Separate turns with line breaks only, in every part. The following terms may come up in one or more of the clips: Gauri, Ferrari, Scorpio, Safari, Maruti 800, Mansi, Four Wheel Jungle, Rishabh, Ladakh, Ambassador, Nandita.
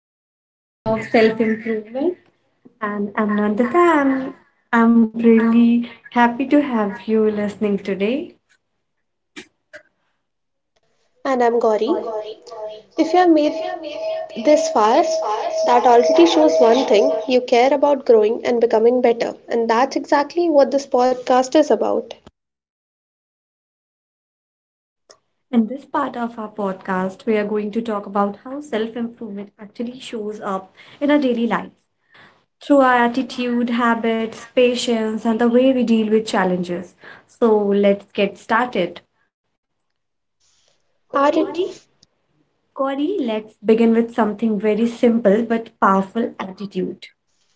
to the journey of self improvement. And Amandita, I'm really happy to have you listening today.
And I'm
I'm
Gauri.
Gauri.
If you have made this far, that already shows one thing you care about growing and becoming better. And that's exactly what this podcast is about.
In this part of our podcast, we are going to talk about how self improvement actually shows up in our daily lives through our attitude, habits, patience, and the way we deal with challenges. So let's get started.
Atti-
Gauri, Gauri, let's begin with something very simple but powerful attitude.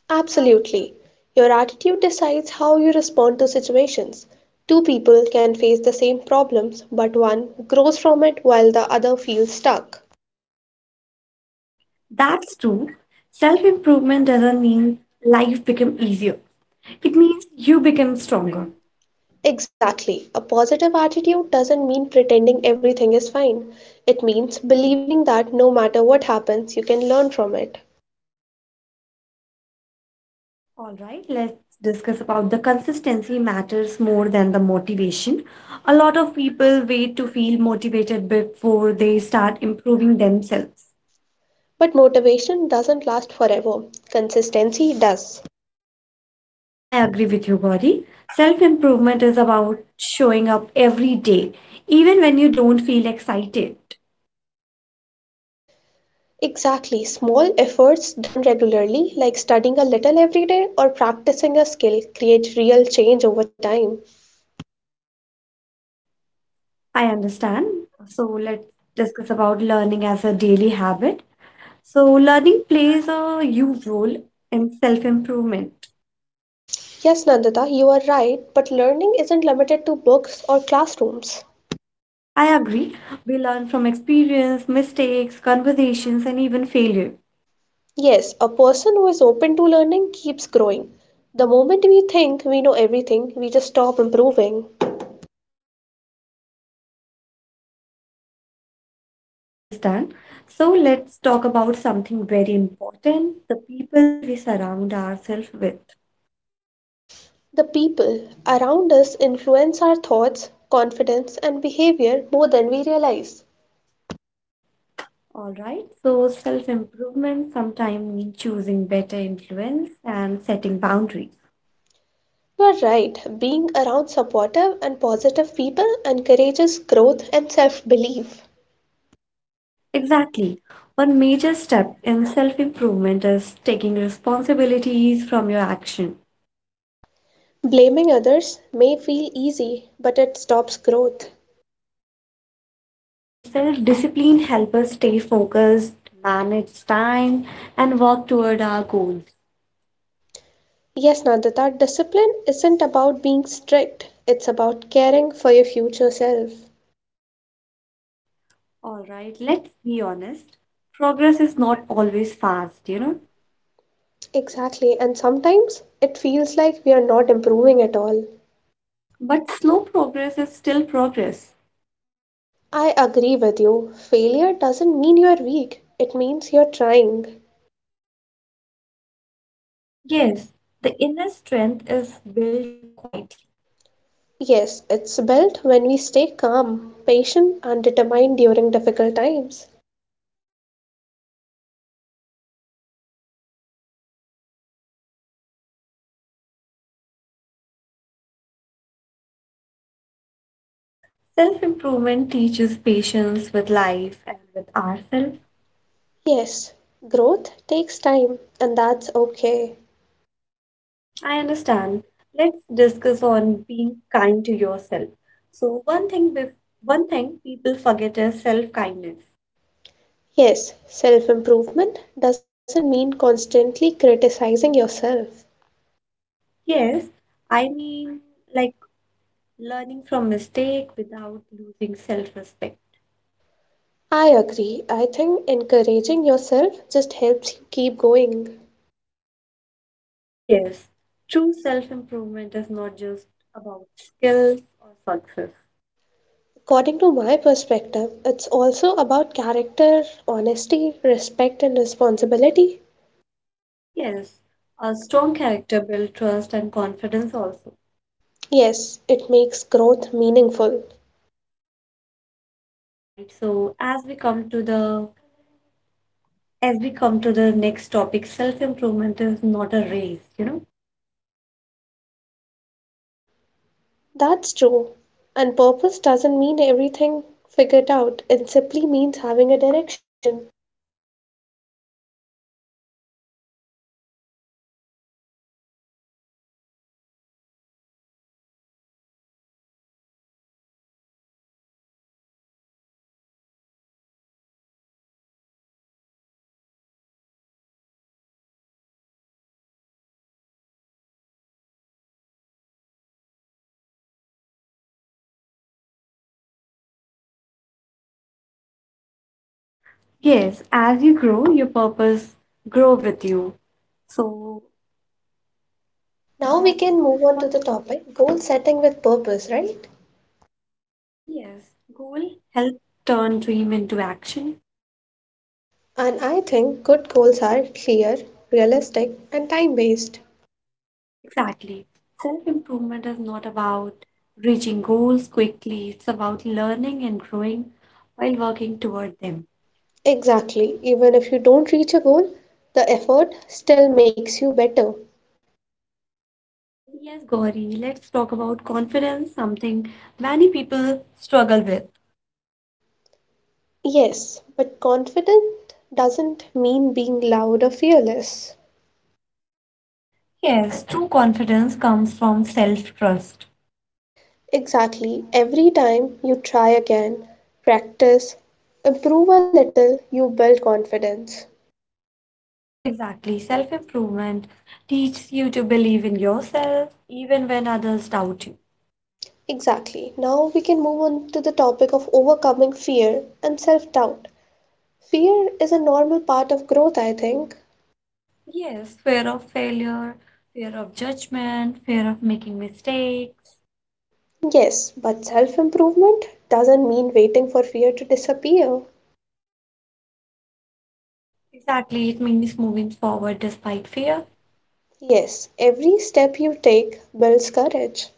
Absolutely. Your attitude decides how you respond to situations. Two people can face the same problems, but one grows from it while the other feels stuck.
That's true. Self improvement doesn't mean life become easier. It means you become stronger.
Exactly. A positive attitude doesn't mean pretending everything is fine. It means believing that no matter what happens, you can learn from it.
All right, let's discuss about the consistency matters more than the motivation. A lot of people wait to feel motivated before they start improving themselves.
But motivation doesn't last forever, consistency does.
I agree with you, Gauri. Self improvement is about showing up every day, even when you don't feel excited.
Exactly, small efforts done regularly, like studying a little every day or practicing a skill, create real change over time.
I understand. So let's discuss about learning as a daily habit. So, learning plays a huge role in self improvement.
Yes, Nandita, you are right, but learning isn't limited to books or classrooms.
I agree. We learn from experience, mistakes, conversations, and even failure.
Yes, a person who is open to learning keeps growing. The moment we think we know everything, we just stop improving.
I understand. So, let's talk about something very important the people we surround ourselves with.
The people around us influence our thoughts, confidence, and behavior more than we realize.
All right. So, self improvement sometimes means choosing better influence and setting boundaries.
You are right. Being around supportive and positive people encourages growth and self belief.
Exactly. One major step in self improvement is taking responsibilities from your action.
Blaming others may feel easy, but it stops growth.
Yes, self-discipline helps us stay focused, manage time, and work toward our goals.
Yes, Nandita, discipline isn't about being strict, it's about caring for your future self.
All right, let's be honest. Progress is not always fast, you know,
Exactly, and sometimes it feels like we are not improving at all.
but slow progress is still progress.
I agree with you. Failure doesn't mean you're weak, it means you're trying.
Yes, the inner strength is built quietly.
Yes, it's built when we stay calm, patient, and determined during difficult times.
Self-improvement teaches patience with life and with ourselves.
Yes, growth takes time, and that's okay.
I understand. Let's discuss on being kind to yourself. So one thing, bef- One thing people forget is self-kindness.
Yes, self improvement doesn't mean constantly criticizing yourself.
Yes, I mean, like learning from mistake without losing self-respect.
I agree. I think encouraging yourself just helps you keep going.
Yes, true self-improvement is not just about skills or success.
According to my perspective, it's also about character, honesty, respect, and responsibility.
Yes, a strong character builds trust and confidence also.
Yes, it makes growth meaningful.
All right. So as we come to the next topic, self-improvement is not a race, you know.
That's true, and purpose doesn't mean everything figured out, it simply means having a direction.
Yes, as you grow, your purpose grow with you. So
Now
one
we can move on to the topic goal setting with purpose, right?
Yes, goal help turn dream into action.
And I think good goals are clear, realistic, and time based.
Exactly. Self-improvement is not about reaching goals quickly, it's about learning and growing while working toward them.
Exactly, even if you don't reach a goal, the effort still makes you better.
Yes, Gauri, let's talk about confidence, something many people struggle with.
Yes, but confident doesn't mean being loud or fearless.
Yes, true confidence comes from self-trust.
Exactly. Every time you try again, practice, improve a little, you build confidence.
Exactly. Self-improvement teaches you to believe in yourself even when others doubt you.
Exactly. Now we can move on to the topic of overcoming fear and self doubt. Fear is a normal part of growth, I think.
Yes, fear of failure, fear of judgment, fear of making mistakes.
Yes, but self improvement doesn't mean waiting for fear to disappear.
Exactly, it means moving forward despite fear.
Yes, every step you take builds courage.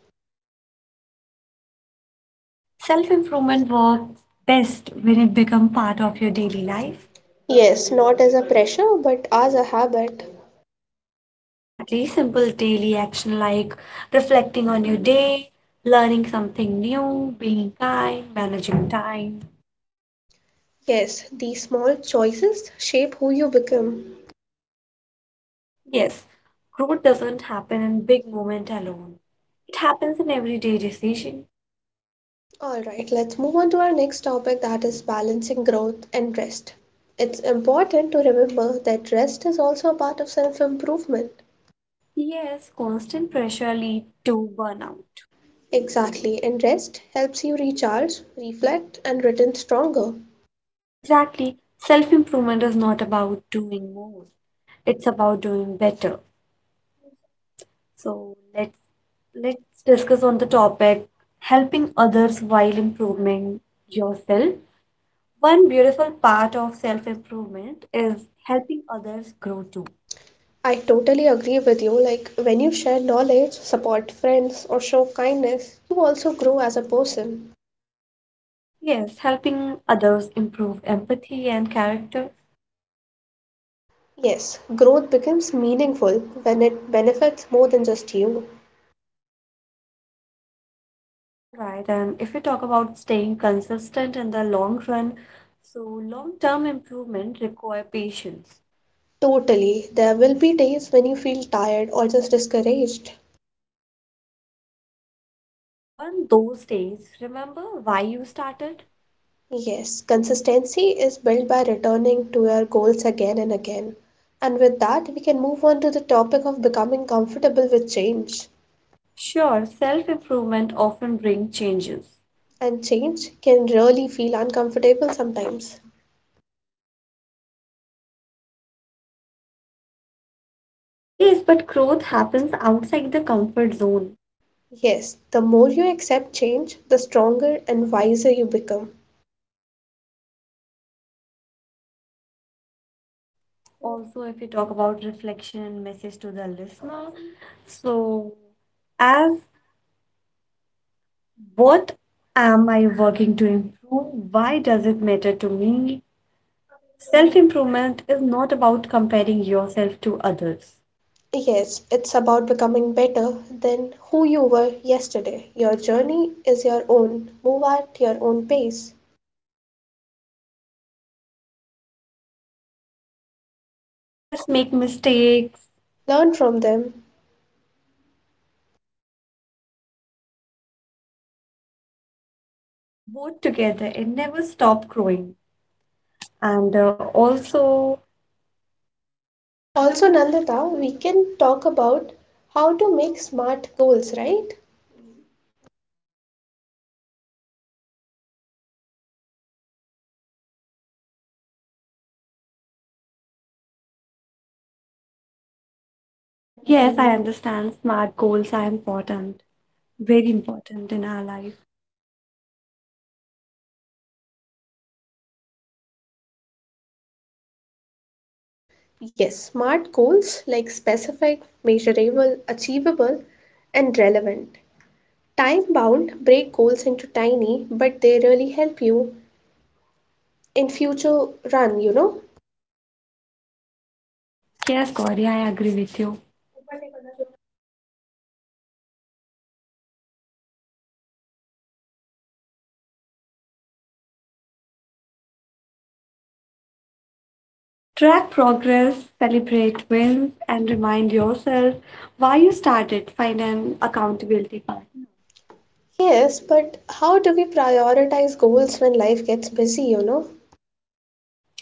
Self-improvement works best when it becomes part of your daily life.
Yes, not as a pressure, but as a habit.
Exactly, simple daily action like reflecting on your day, learning something new, being kind, managing time.
Yes, these small choices shape who you become.
Yes, growth doesn't happen in big moment alone. It happens in everyday decision.
All right, let's move on to our next topic that is balancing growth and rest. It's important to remember that rest is also a part of self improvement.
Yes, constant pressure lead to burnout.
Exactly, and rest helps you recharge, reflect, and return stronger.
Exactly. Self-improvement is not about doing more. It's about doing better. So let's discuss on the topic helping others while improving yourself. One beautiful part of self-improvement is helping others grow too.
I totally agree with you. Like when you share knowledge, support friends, or show kindness, you also grow as a person.
Yes, helping others improve empathy and character.
Yes, growth becomes meaningful when it benefits more than just you.
All right, and if we talk about staying consistent in the long run, so long-term improvement require patience.
Totally. There will be days when you feel tired or just discouraged.
One those days, remember why you started?
Yes, consistency is built by returning to your goals again and again. And with that, we can move on to the topic of becoming comfortable with change.
Sure, self-improvement often bring changes.
And change can really feel uncomfortable sometimes.
Yes, but growth happens outside the comfort zone.
Yes, the more you accept change, the stronger and wiser you become.
Also, if you talk about reflection and message to the listener, so as what am I working to improve? Why does it matter to me? Self improvement is not about comparing yourself to others.
Yes, it's about becoming better than who you were yesterday. Your journey is your own. Move at your own pace.
Yes, make mistakes,
Learn from them.
both together, and never stop growing. And uh, also,
Also, Nandita, we can talk about how to make smart goals, right?
yes, I understand smart goals are important, very important in our life.
Yes, smart goals like specific, measurable, achievable, and relevant. Time bound, break goals into tiny, but they really help you in future run, you know?
Yes, Gauri, I agree with you. Track progress, celebrate wins, and remind yourself why you started. Find an accountability partner.
Yes, but how do we prioritize goals when life gets busy, you know?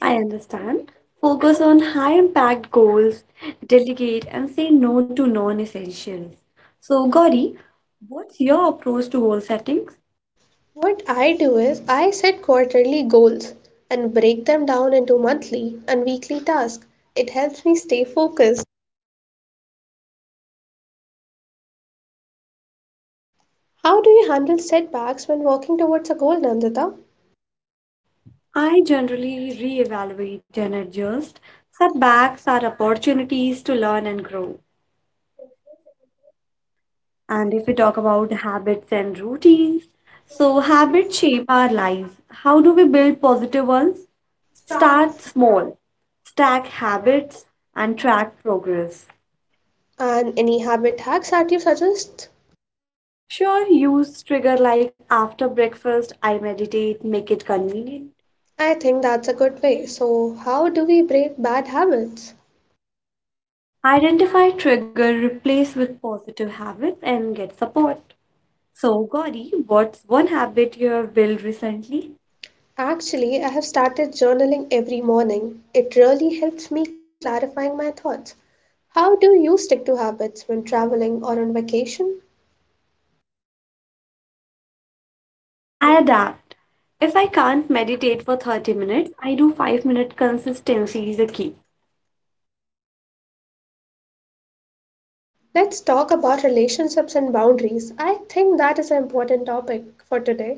I understand. Focus on high impact goals, delegate, and say no to non essentials. So, Gauri, what's your approach to goal settings?
What I do is I set quarterly goals and break them down into monthly and weekly tasks. It helps me stay focused. How do you handle setbacks when working towards a goal, Nandita?
I generally reevaluate and adjust. Setbacks are opportunities to learn and grow. And if we talk about habits and routines, so habits shape our lives. How do we build positive ones? Start small, stack habits, and track progress.
And any habit hacks that you suggest?
Sure, use trigger like after breakfast, I meditate, make it convenient.
I think that's a good way. So, how do we break bad habits?
Identify trigger, replace with positive habits, and get support. So, Gauri, what's one habit you have built recently?
Actually, I have started journaling every morning. It really helps me clarifying my thoughts. How do you stick to habits when traveling or on vacation?
I adapt. If I can't meditate for 30 minutes, I do 5-minute consistency is the key.
Let's talk about relationships and boundaries. I think that is an important topic for today.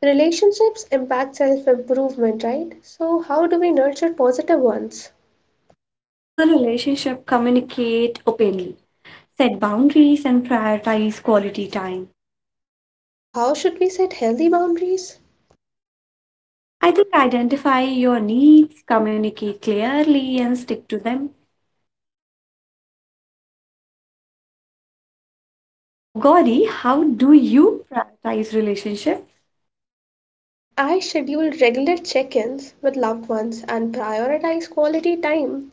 Relationships impact self improvement, right? So, how do we nurture positive ones?
For the relationship, communicate openly, set boundaries, and prioritize quality time.
So, how should we set healthy boundaries?
I think identify your needs, communicate clearly, and stick to them. So, Gauri, how do you prioritize relationship?
I schedule regular check ins with loved ones and prioritize quality time.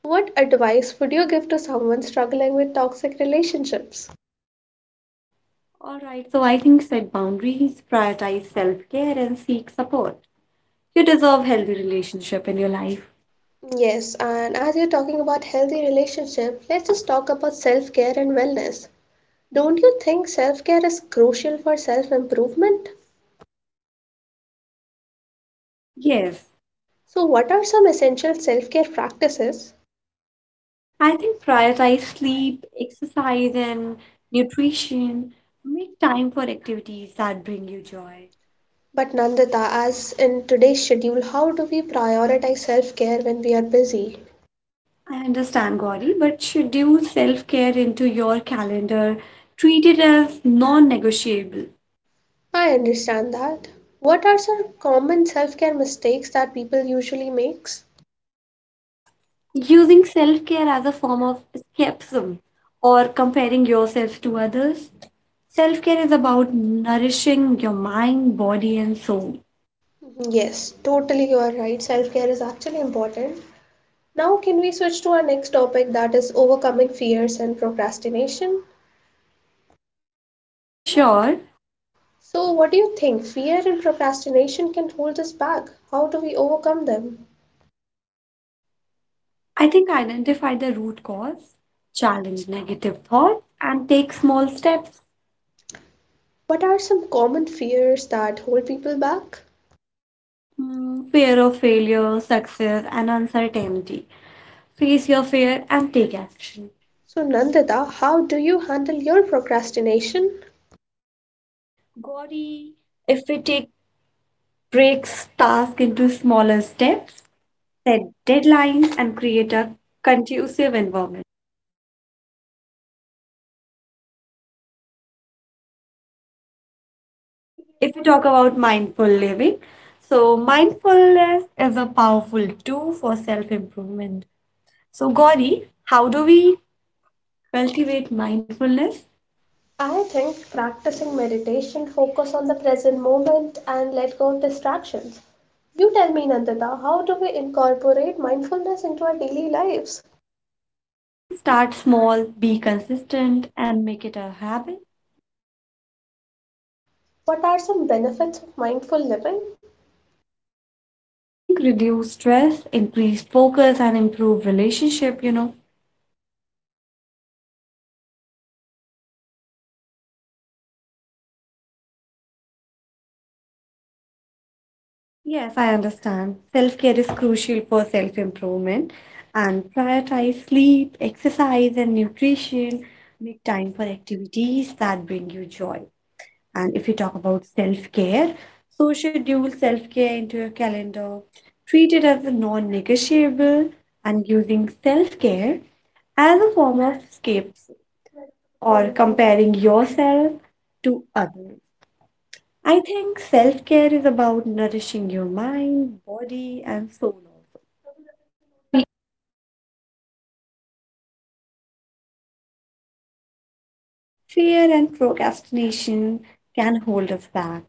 What advice would you give to someone struggling with toxic relationships?
All right, so I think set boundaries, prioritize self-care, and seek support. You deserve healthy relationship in your life.
Yes, and as you're talking about healthy relationships, let's just talk about self care and wellness. Don't you think self care is crucial for self improvement?
Yes,
So, what are some essential self care practices?
I think prioritize sleep, exercise, and nutrition. Make time for activities that bring you joy.
But Nandita, as in today's schedule, how do we prioritize self care when we are busy?
I understand, Gauri, but schedule self-care into your calendar. Treat it as non-negotiable.
I understand that. What are some common self care mistakes that people usually makes?
Using self-care as a form of escapism or comparing yourself to others. Self-care is about nourishing your mind, body, and soul.
Yes, totally you are right. Self care is actually important. Now, can we switch to our next topic that is overcoming fears and procrastination?
Sure,
So, what do you think? Fear and procrastination can hold us back. How do we overcome them?
I think identify the root cause, challenge negative thoughts, and take small steps.
What are some common fears that hold people back?
Hmm, fear of failure, success, and uncertainty. Face your fear and take action.
So, Nandita, how do you handle your procrastination?
Gauri, if we take breaks task into smaller steps, set deadlines and create a conducive environment. If we talk about mindful living, so mindfulness is a powerful tool for self improvement. So, Gauri, how do we cultivate mindfulness?
I think practicing meditation, focus on the present moment, and let go of distractions. You tell me, Nandita, how do we incorporate mindfulness into our daily lives?
I think start small, be consistent, and make it a habit.
What are some benefits of mindful living?
I think reduce stress, increase focus, and improve relationship, you know. Yes, I understand. Self-care is crucial for self-improvement and prioritize sleep, exercise, and nutrition. Make time for activities that bring you joy. And if you talk about self-care, so schedule self-care into your calendar. Treat it as a non-negotiable and using self-care as a form of escape or comparing yourself to others. I think self care is about nourishing your mind, body, and soul also. Fear and procrastination can hold us back.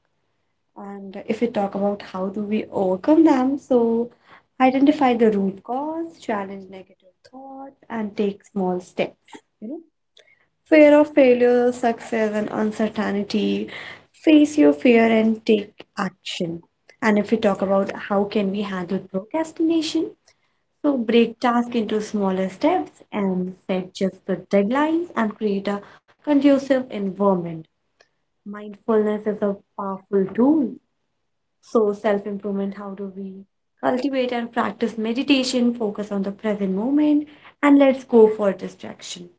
And if we talk about how do we overcome them, so identify the root cause, challenge negative thoughts, and take small steps. You know, fear of failure, success, and uncertainty. Face your fear and take action. And if we talk about how can we handle procrastination, so break task into smaller steps and set just the deadlines and create a conducive environment. Mindfulness is a powerful tool. So self-improvement, how do we cultivate and practice meditation, focus on the present moment, and let's go for distraction.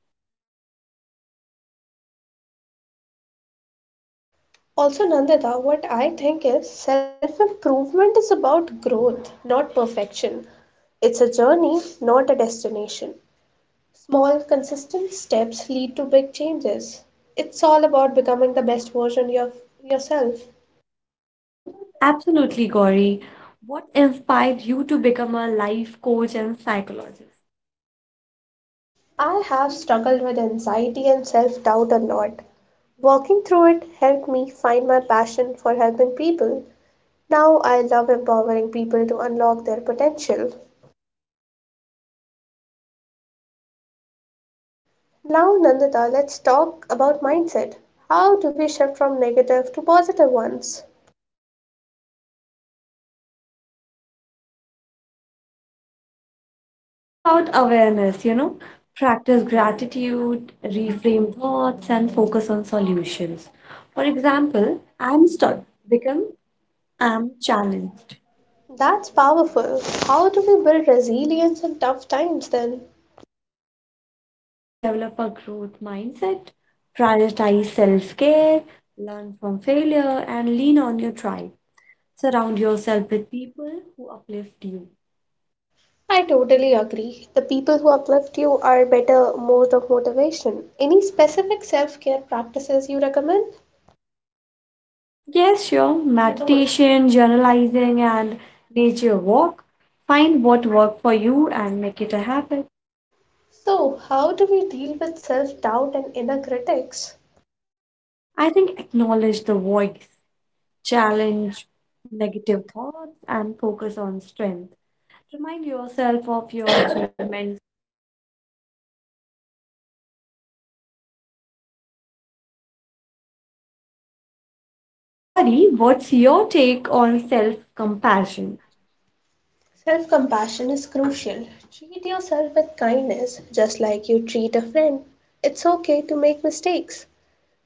Also, Nandita, what I think is self improvement is about growth, not perfection. It's a journey, not a destination. Small, consistent steps lead to big changes. It's all about becoming the best version of yourself.
Absolutely, Gauri. What inspired you to become a life coach and psychologist?
I have struggled with anxiety and self doubt a lot. Working through it helped me find my passion for helping people. Now I love empowering people to unlock their potential. Now, Nandita, let's talk about mindset. How do we shift from negative to positive ones?
It's about awareness, you know, practice gratitude, reframe thoughts, and focus on solutions. For example, I'm stuck, become I'm challenged.
That's powerful. How do we build resilience in tough times then?
I think develop a growth mindset, prioritize self care, learn from failure, and lean on your tribe. Surround yourself with people who uplift you.
I totally agree. The people who uplift you are better mode of motivation. Any specific self care practices you recommend?
Yes, sure, meditation, journalizing, and nature walk. Find what work for you and make it a habit.
So, how do we deal with self doubt and inner critics?
I think acknowledge the voice, challenge negative thoughts, and focus on strength. Remind yourself of your achievements. So, Gauri, what's your take on self compassion?
Self compassion is crucial. Treat yourself with kindness, just like you treat a friend. It's okay to make mistakes.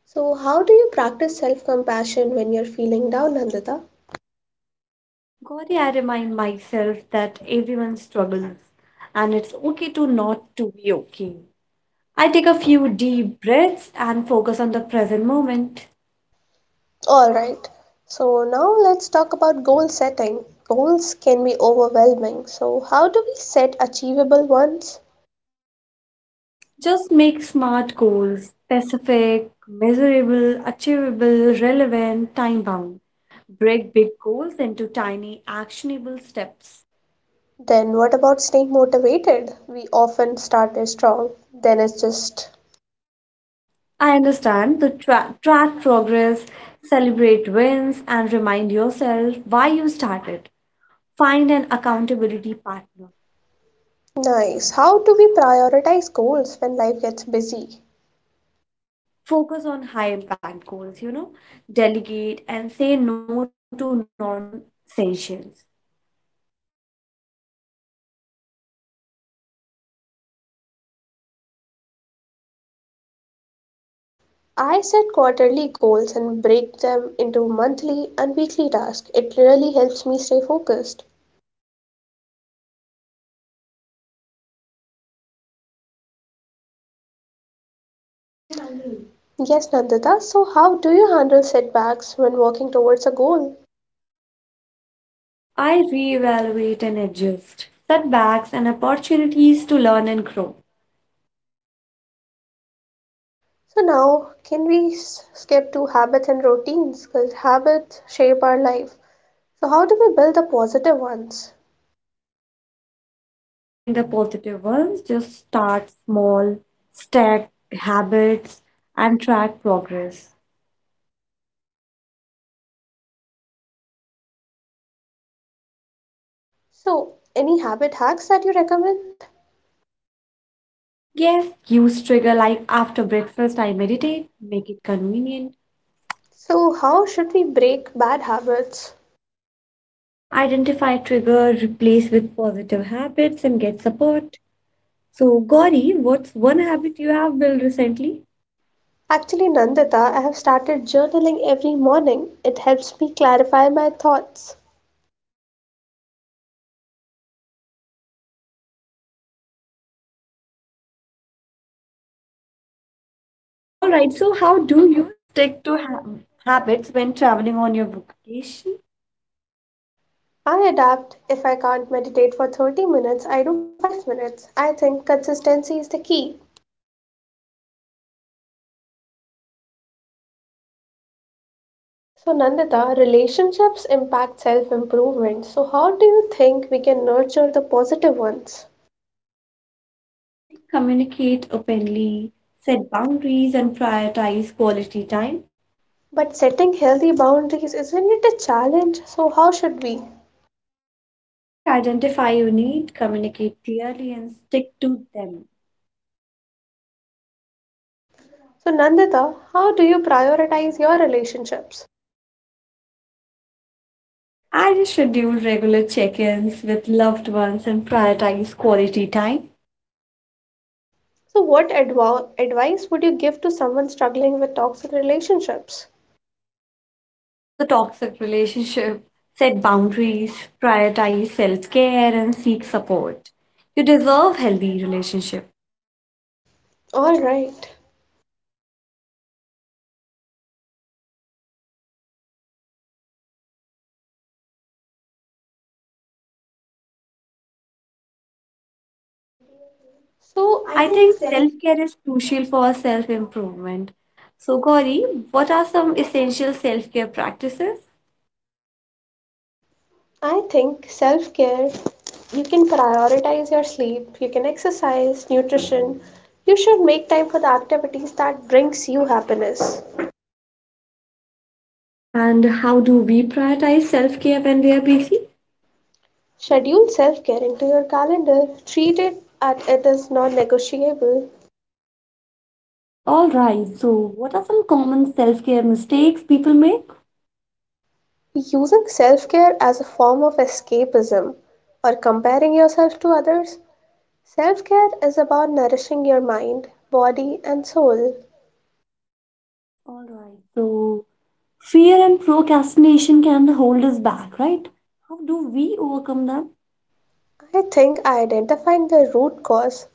So, how do you practice self compassion when you're feeling down, Nandita?
Gauri, I remind myself that everyone struggles and it's okay to not to be okay. I take a few deep breaths and focus on the present moment.
All right. So now let's talk about goal setting. Goals can be overwhelming. So how do we set achievable ones?
Just make smart goals specific, measurable, achievable, relevant, time bound. Break big goals into tiny, actionable steps.
Then what about staying motivated? We often start it strong, then it's just
I understand the tra- Track progress, celebrate wins, and remind yourself why you started. Find an accountability partner.
nice. How do we prioritize goals when life gets busy?
Focus on high impact goals, you know, delegate and say no to non essentials. All right, so Gauri, what's your approach to goal settings?
I set quarterly goals and break them into monthly and weekly tasks. It really helps me stay focused. Yes, Nandita, so how do you handle setbacks when working towards a goal?
I reevaluate and adjust setbacks and opportunities to learn and grow.
So now, can we skip to habits and routines? Because habits shape our life. So how do we build the positive ones?
For building the positive ones, just start small, stack habits, and track progress.
So any habit hacks that you recommend?
Yes, use trigger like after breakfast, I meditate, make it convenient.
So how should we break bad habits?
Identify trigger, replace with positive habits, and get support. So, Gauri, what's one habit you have built recently?
Actually, Nandita, I have started journaling every morning. It helps me clarify my thoughts.
All right, so how do you stick to ha habits when traveling on your vacation?
I adapt. If I can't meditate for 30 minutes, I do 5 minutes. I think consistency is the key. So, Nandita, relationships impact self improvement. So, how do you think we can nurture the positive ones?
I think communicate openly, set boundaries, and prioritize quality time.
But setting healthy boundaries, isn't it a challenge? So, how should we?
I think identify your need, communicate clearly, and stick to them.
So, Nandita, how do you prioritize your relationships?
I just schedule regular check-ins with loved ones and prioritize quality time.
So, what advice would you give to someone struggling with toxic relationships?
For the toxic relationship, set boundaries, prioritize self-care, and seek support. You deserve healthy relationship.
All right. So,
I think self care is crucial for self improvement. So, Gauri, what are some essential self care practices
I think self care, you can prioritize your sleep, you can exercise, nutrition. You should make time for the activities that brings you happiness.
and how do we prioritize self care when we are busy?
Schedule self care into your calendar. Treat it at it as non-negotiable.
All right, so what are some common self care mistakes people make?
Using self care as a form of escapism or comparing yourself to others, self care is about nourishing your mind, body, and soul.
All right. So, fear and procrastination can hold us back, right? How do we overcome them?
I think identifying the root cause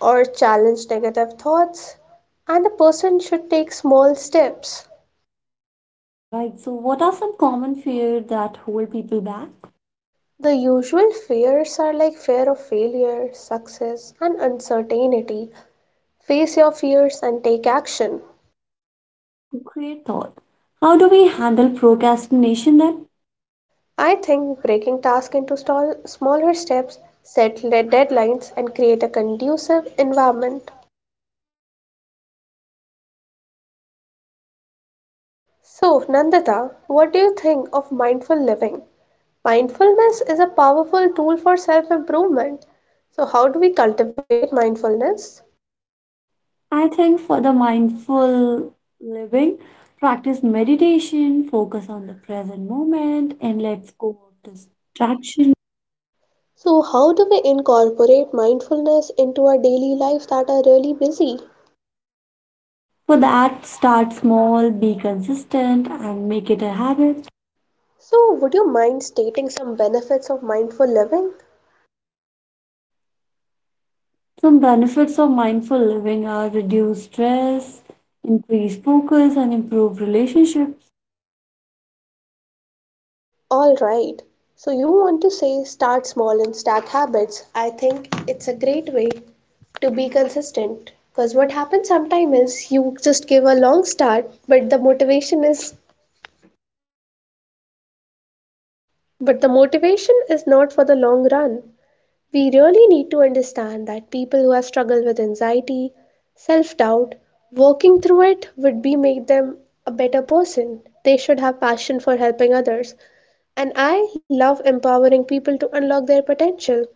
or challenge negative thoughts, and a person should take small steps.
All right, so what are some common fears that hold people back?
The usual fears are like fear of failure, success, and uncertainty. Face your fears and take action.
So, great thought. How do we handle procrastination then?
I think breaking tasks into smaller steps, set deadlines, and create a conducive environment. So, Nandita, what do you think of mindful living? Mindfulness is a powerful tool for self improvement. So, how do we cultivate mindfulness?
I think for the mindful living, practice meditation, focus on the present moment, and let's go of distraction.
So, how do we incorporate mindfulness into our daily lives that are really busy?
For that, start small, be consistent, and make it a habit.
So, would you mind stating some benefits of mindful living?
Some benefits of mindful living are reduce stress, increase focus, and improve relationships.
Alright, so you want to say start small and stack habits. I think it's a great way to be consistent. Because what happens sometimes is you just give a long start, but the motivation is But the motivation is not for the long run. We really need to understand that people who have struggled with anxiety, self doubt, working through it would be make them a better person. They should have passion for helping others. And I love empowering people to unlock their potential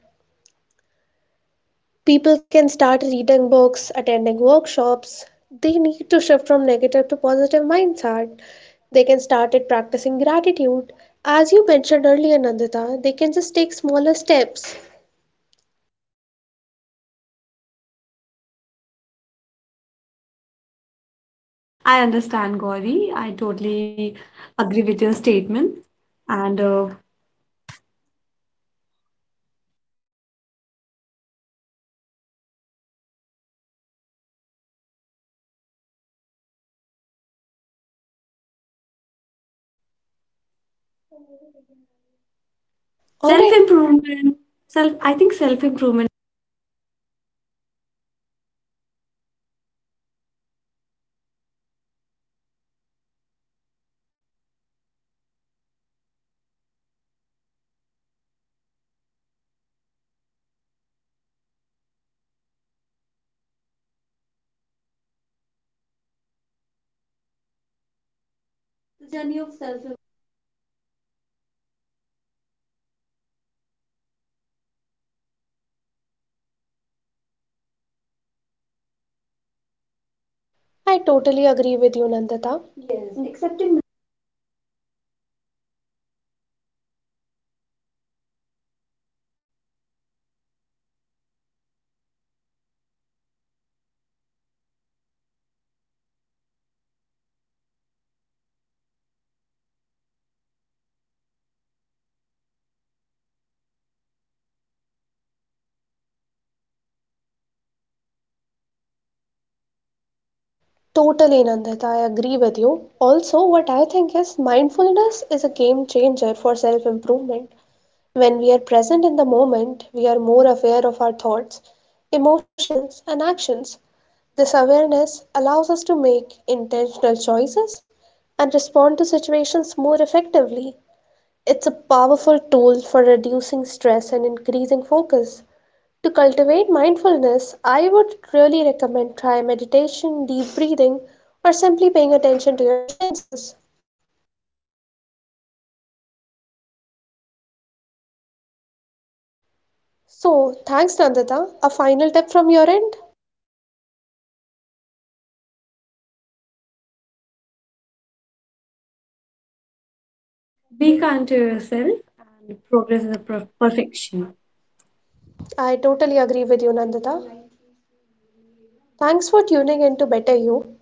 people can start reading books, attending workshops. They need to shift from negative to positive mindset. They can start it practicing gratitude. As you mentioned earlier, Nandita, they can just take smaller steps.
I understand, Gauri. I totally agree with your statement. And
Alright,
self improvement, self. I think self improvement
I totally agree with you, Nandita. Totally, Nandita, I agree with you. Also, what I think is mindfulness is a game changer for self improvement. When we are present in the moment, we are more aware of our thoughts, emotions, and actions. This awareness allows us to make intentional choices and respond to situations more effectively. It's a powerful tool for reducing stress and increasing focus. To cultivate mindfulness, I would really recommend try meditation, deep breathing, or simply paying attention to your senses. So, thanks Nandita. A final tip from your end?
be kind to yourself and progress is a perfection.
I totally agree with you, Nandita. Thanks for tuning in to Better You.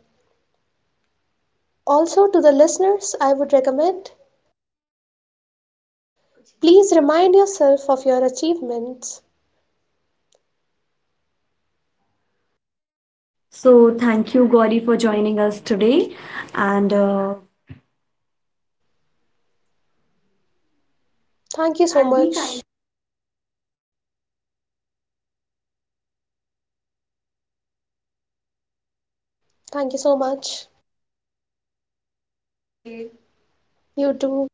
Also, to the listeners, I would recommend please remind yourself of your achievements.
So thank you Gauri for joining us today and
Thank you so much. Thank you so much. You too.